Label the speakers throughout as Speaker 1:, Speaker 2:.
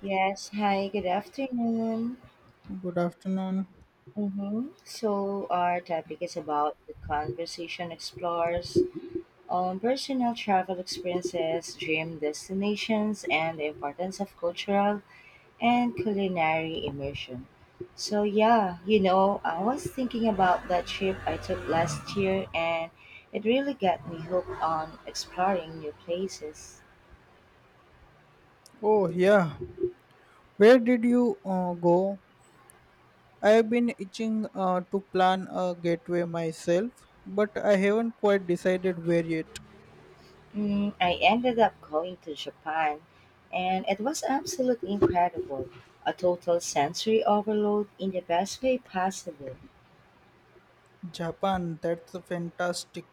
Speaker 1: Yes, hi, good afternoon.
Speaker 2: Good afternoon.
Speaker 1: Mm-hmm. So, our topic is about the conversation explores on personal travel experiences, dream destinations, and the importance of cultural and culinary immersion. So, yeah, I was thinking about that trip I took last year, and it really got me hooked on exploring new places.
Speaker 2: Oh, yeah. Where did you go? I have been itching to plan a getaway myself, but I haven't quite decided where yet.
Speaker 1: Mm, I ended up going to Japan, and it was absolutely incredible. A total sensory overload in the best way possible.
Speaker 2: Japan, that's fantastic.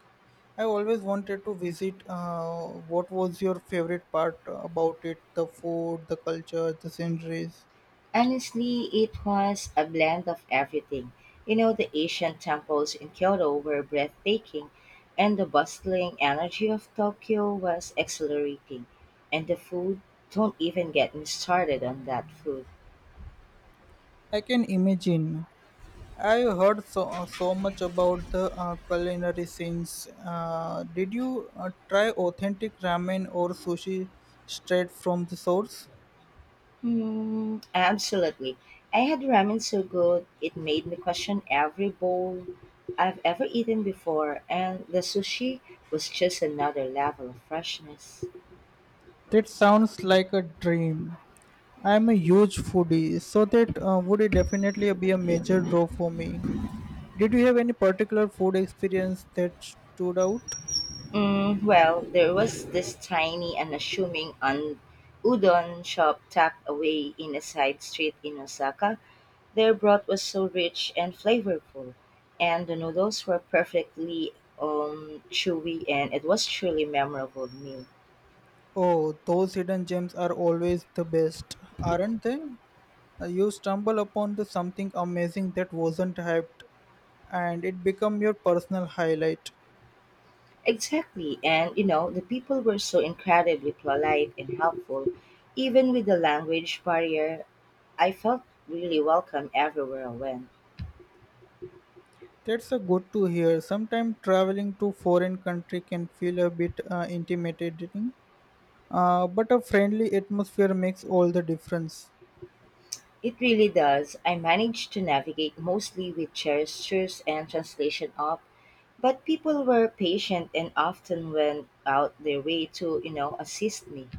Speaker 2: I always wanted to visit. What was your favorite part about it? The food, the culture, the sceneries?
Speaker 1: Honestly, it was a blend of everything. You know, the Asian temples in Kyoto were breathtaking, and the bustling energy of Tokyo was exhilarating. And the food, don't even get me started on that food.
Speaker 2: I can imagine. I have heard so much about the culinary scenes. Did you try authentic ramen or sushi straight from the source?
Speaker 1: Mm, absolutely. I had ramen so good it made me question every bowl I've ever eaten before, and the sushi was just another level of freshness.
Speaker 2: That sounds like a dream. I'm a huge foodie, so that would definitely be a major draw for me. Did you have any particular food experience that stood out?
Speaker 1: Mm, well, there was this tiny, unassuming udon shop tucked away in a side street in Osaka. Their broth was so rich and flavorful, and the noodles were perfectly chewy, and it was truly memorable meal.
Speaker 2: Oh, those hidden gems are always the best, aren't they? You stumble upon the something amazing that wasn't hyped and it become your personal highlight.
Speaker 1: Exactly. And you know, the people were so incredibly polite and helpful. Even with the language barrier, I felt really welcome everywhere I went.
Speaker 2: That's a good to hear. Sometimes traveling to foreign country can feel a bit intimidating, but a friendly atmosphere makes all the difference.
Speaker 1: It really does. I managed to navigate mostly with gestures and translation up, but people were patient and often went out their way to, assist me.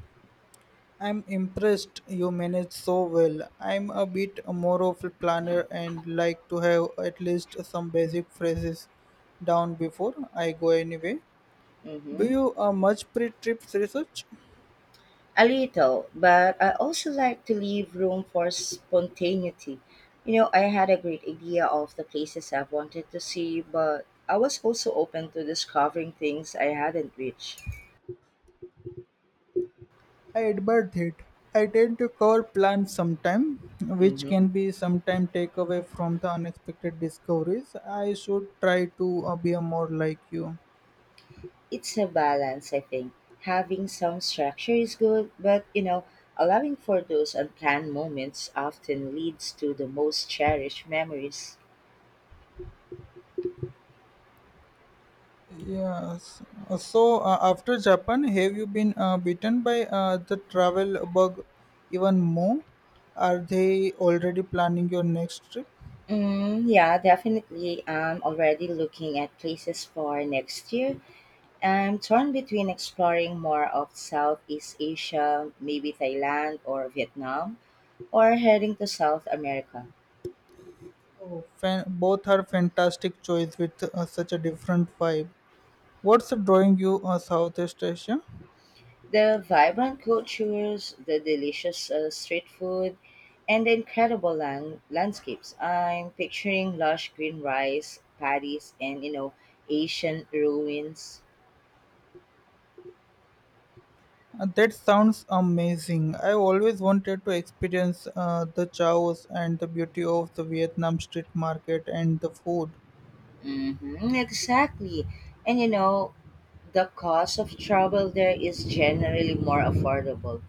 Speaker 2: I'm impressed you manage so well. I'm a bit more of a planner and like to have at least some basic phrases down before I go anyway. Do
Speaker 1: Mm-hmm.
Speaker 2: you much pre-trips research?
Speaker 1: A little, but I also like to leave room for spontaneity. You know, I had a great idea of the places I wanted to see, but I was also open to discovering things I hadn't reached.
Speaker 2: I admire that. I tend to cover plans sometime, which
Speaker 1: Mhm.
Speaker 2: can be sometime take away from the unexpected discoveries. I should try to be more like you.
Speaker 1: It's a balance, I think. Having some structure is good, but you know, allowing for those unplanned moments often leads to the most cherished memories.
Speaker 2: Yes. So after Japan, have you been bitten by the travel bug even more? Are they already planning your next trip?
Speaker 1: Mm, yeah, definitely. I'm already looking at places for next year. I'm torn between exploring more of Southeast Asia, maybe Thailand or Vietnam, or heading to South America.
Speaker 2: Oh, both are fantastic choice with such a different vibe. What's drawing you Southeast Asia?
Speaker 1: The vibrant cultures, the delicious street food, and the incredible landscapes. I'm picturing lush green rice paddies and you know Asian ruins.
Speaker 2: That sounds amazing. I always wanted to experience the chows and the beauty of the Vietnam street market and the food.
Speaker 1: Mm-hmm, exactly. And you know, the cost of travel there is generally more affordable,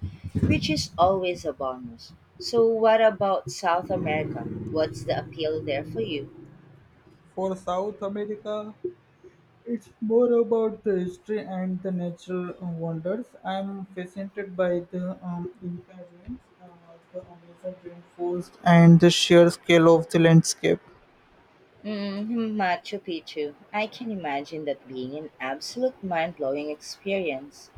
Speaker 1: which is always a bonus. So, what about South America? What's the appeal there for you?
Speaker 2: For South America, it's more about the history and the natural wonders. I'm fascinated by the Inca ruins, uh, the Amazon rainforest, and the sheer scale of the landscape.
Speaker 1: Mm, Machu Picchu. I can imagine that being an absolute mind blowing experience.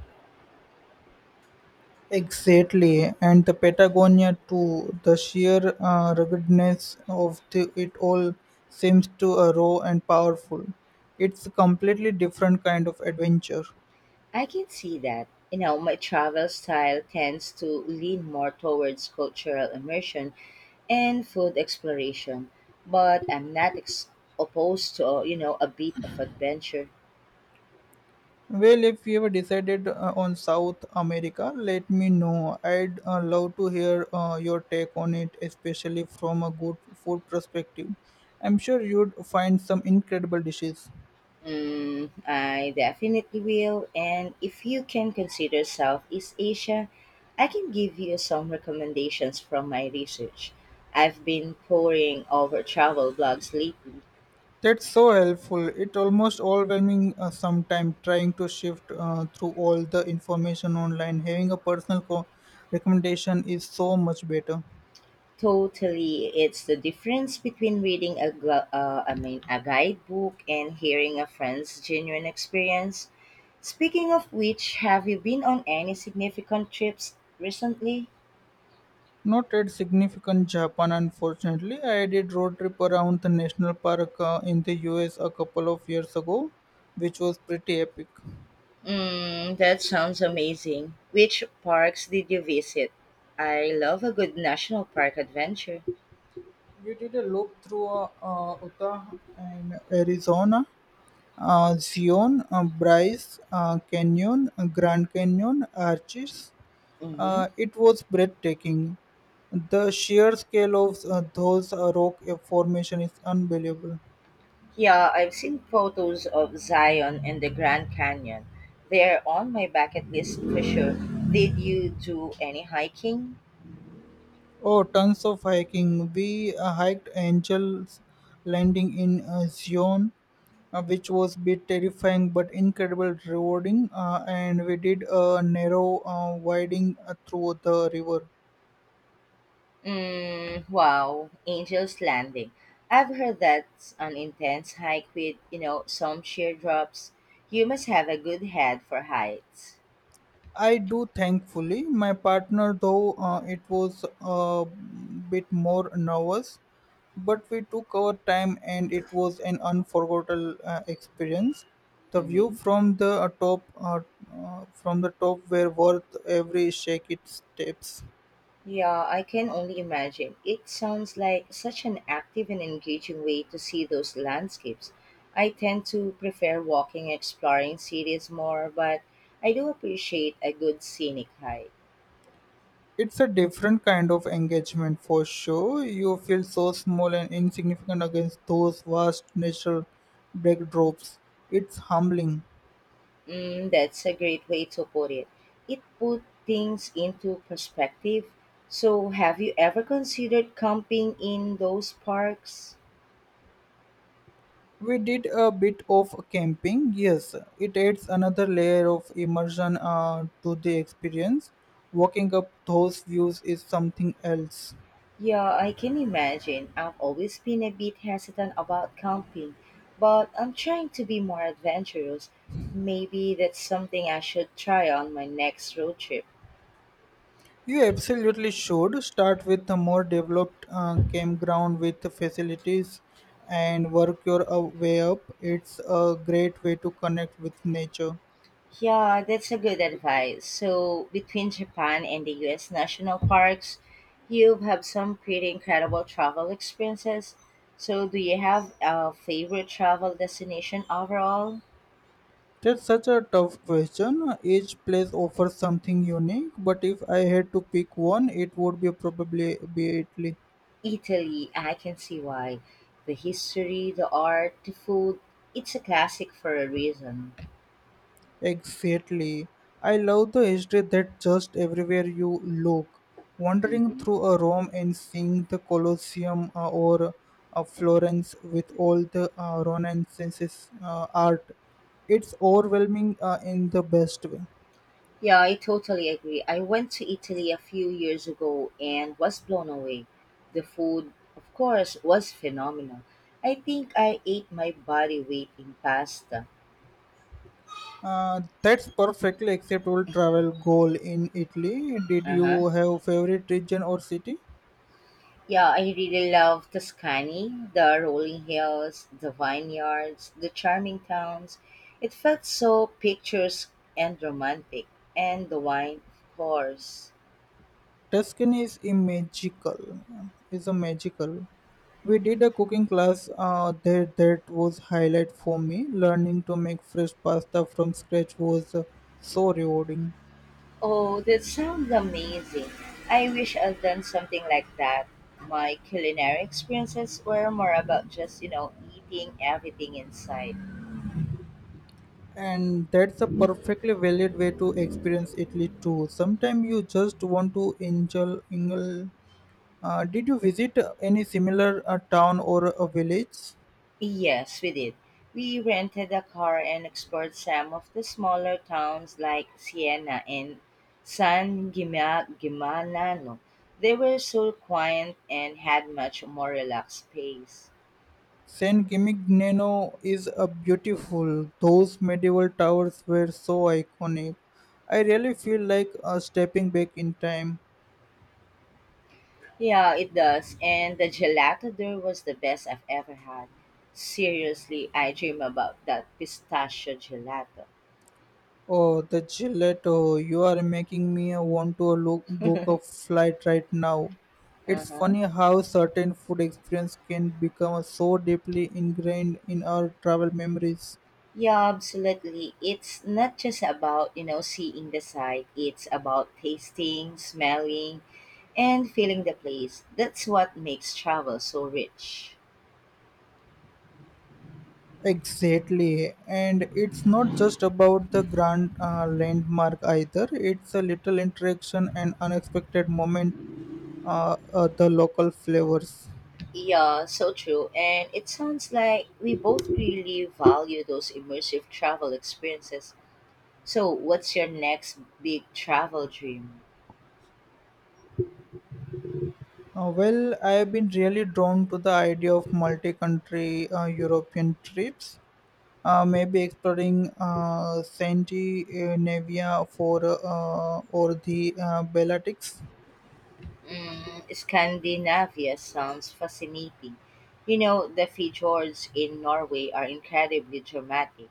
Speaker 2: Exactly, and the Patagonia too. The sheer ruggedness of the, it all seems to raw and powerful. It's a completely different kind of adventure.
Speaker 1: I can see that. You know, my travel style tends to lean more towards cultural immersion and food exploration, but I'm not ex- opposed to, you know, a bit of adventure.
Speaker 2: Well, if you have decided on South America, let me know. I'd love to hear your take on it, especially from a good food perspective. I'm sure you'd find some incredible dishes.
Speaker 1: Mm, I definitely will. And if you can consider Southeast Asia, I can give you some recommendations from my research. I've been poring over travel blogs lately.
Speaker 2: That's so helpful. It almost overwhelming sometimes trying to shift through all the information online. Having a personal recommendation is so much better.
Speaker 1: Totally, it's the difference between reading a, gl- I mean, a guidebook and hearing a friend's genuine experience. Speaking of which, have you been on any significant trips recently?
Speaker 2: Not at significant Japan, unfortunately. I did road trip around the national park in the US a couple of years ago, which was pretty epic.
Speaker 1: Mm, that sounds amazing. Which parks did you visit? I love a good national park adventure.
Speaker 2: We did a loop through Utah and Arizona, Zion, Bryce Canyon, Grand Canyon, Arches.
Speaker 1: Mm-hmm.
Speaker 2: It was breathtaking. The sheer scale of those rock formation is unbelievable.
Speaker 1: Yeah, I've seen photos of Zion and the Grand Canyon. They're on my bucket list for sure. Did you do any hiking?
Speaker 2: Oh, tons of hiking. We hiked Angel's Landing in Zion, which was a bit terrifying but incredible rewarding. And we did a narrow winding through the river.
Speaker 1: Mm, wow, Angel's Landing. I've heard that's an intense hike with, you know, some sheer drops. You must have a good head for heights.
Speaker 2: I do, thankfully. My partner, though, it was a bit more nervous, but we took our time and it was an unforgettable experience. The view
Speaker 1: Mhm.
Speaker 2: from the top, from the top, were worth every shaky steps.
Speaker 1: Yeah, I can only imagine. It sounds like such an active and engaging way to see those landscapes. I tend to prefer walking and exploring cities more, but I do appreciate a good scenic hike.
Speaker 2: It's a different kind of engagement for sure. You feel so small and insignificant against those vast natural backdrops. It's humbling.
Speaker 1: Mm, that's a great way to put it. It put things into perspective. So, have you ever considered camping in those parks?
Speaker 2: We did a bit of camping, yes. It adds another layer of immersion to the experience. Walking up those views is something else.
Speaker 1: Yeah, I can imagine. I've always been a bit hesitant about camping, but I'm trying to be more adventurous. Maybe that's something I should try on my next road trip.
Speaker 2: You absolutely should start with a more developed campground with facilities and work your way up. It's a great way to connect with nature.
Speaker 1: Yeah, that's a good advice. So, between Japan and the US national parks, you've had some pretty incredible travel experiences. So, do you have a favorite travel destination overall?
Speaker 2: That's such a tough question. Each place offers something unique, but if I had to pick one, it would be probably be Italy.
Speaker 1: Italy, I can see why. The history, the art, the food, it's a classic for a reason.
Speaker 2: Exactly. I love the history that just everywhere you look, wandering
Speaker 1: Hmm.
Speaker 2: through a Rome and seeing the Colosseum or Florence with all the Renaissance's art. It's overwhelming in the best way.
Speaker 1: Yeah, I totally agree. I went to Italy a few years ago and was blown away. The food, of course, was phenomenal. I think I ate my body weight in pasta.
Speaker 2: That's perfectly acceptable travel goal in Italy. Did
Speaker 1: Uh-huh.
Speaker 2: you have favorite region or city?
Speaker 1: Yeah, I really love Tuscany, the rolling hills, the vineyards, the charming towns. It felt so picturesque and romantic. And the wine, of course.
Speaker 2: Tuscany is a magical. Is a magical. We did a cooking class there that was highlight for me. Learning to make fresh pasta from scratch was so rewarding,
Speaker 1: Oh, that sounds amazing. I wish I'd done something like that. My culinary experiences were more about just, eating everything in sight.
Speaker 2: and that's a perfectly valid way to experience Italy too. Sometimes you just want to enjoy. Did you visit any similar town or a village?
Speaker 1: Yes, we did. We rented a car and explored some of the smaller towns like Siena and Gimignano. They were so quiet and had much more relaxed pace.
Speaker 2: Saint Gimignano is a beautiful. Those medieval towers were so iconic. I really feel like stepping back in time.
Speaker 1: Yeah, it does. And the gelato there was the best I've ever had. Seriously, I dream about that pistachio gelato.
Speaker 2: Oh, the gelato! You are making me want to look, book a flight right now. It's
Speaker 1: Uh-huh.
Speaker 2: funny how certain food experience can become so deeply ingrained in our travel memories.
Speaker 1: Yeah, absolutely. It's not just about, seeing the site. It's about tasting, smelling, and feeling the place. That's what makes travel so rich.
Speaker 2: Exactly, and it's not just about the grand landmark either. It's a little interaction and unexpected moment. The local flavors.
Speaker 1: Yeah, so true. And it sounds like we both really value those immersive travel experiences. So, what's your next big travel dream?
Speaker 2: Well, I have been really drawn to the idea of multi-country European trips. Maybe exploring Scandinavia for or the Baltics.
Speaker 1: Mm, Scandinavia sounds fascinating. You know, the fjords in Norway are incredibly dramatic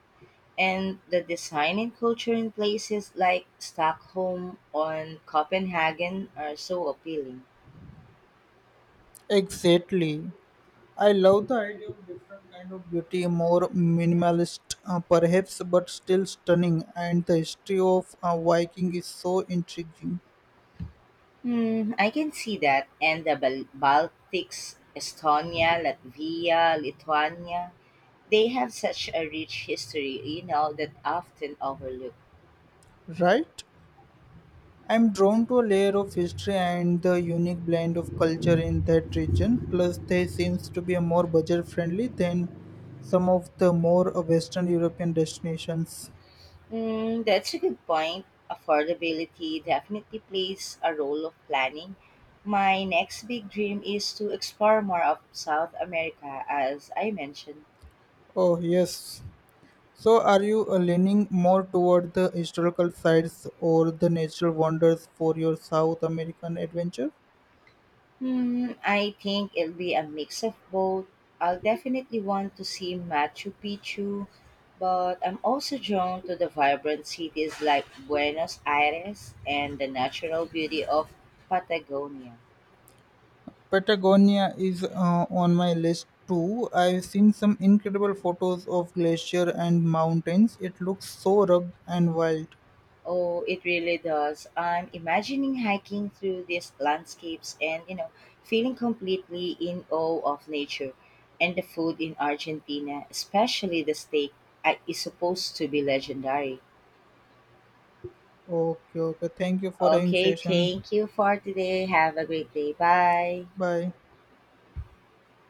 Speaker 1: and the design and culture in places like Stockholm and Copenhagen are so appealing.
Speaker 2: Exactly. I love the idea of different kind of beauty, more minimalist perhaps, but still stunning. And the history of Viking is so intriguing,
Speaker 1: Hmm, I can see that. And the Baltics, Estonia, Latvia, Lithuania, they have such a rich history, you know, that often overlooked.
Speaker 2: right? I'm drawn to a layer of history and the unique blend of culture in that region. Plus, they seems to be a more budget friendly than some of the more Western European destinations.
Speaker 1: Hmm, that's a good point. Affordability definitely plays a role of planning. My next big dream is to explore more of South America, as I mentioned.
Speaker 2: Oh yes, so, are you leaning more toward the historical sites or the natural wonders for your South American adventure?
Speaker 1: Hmm, I think it'll be a mix of both. I'll definitely want to see Machu Picchu, but I'm also drawn to the vibrant cities like Buenos Aires and the natural beauty of Patagonia.
Speaker 2: Patagonia is on my list too. I've seen some incredible photos of glacier and mountains. It looks so rugged and wild.
Speaker 1: Oh, it really does. I'm imagining hiking through these landscapes and, you know, feeling completely in awe of nature and the food in Argentina, especially the steak, is supposed to be legendary.
Speaker 2: Okay, okay. Thank you for having
Speaker 1: Okay,
Speaker 2: session.
Speaker 1: thank you for today. Have a great day. Bye.
Speaker 2: Bye.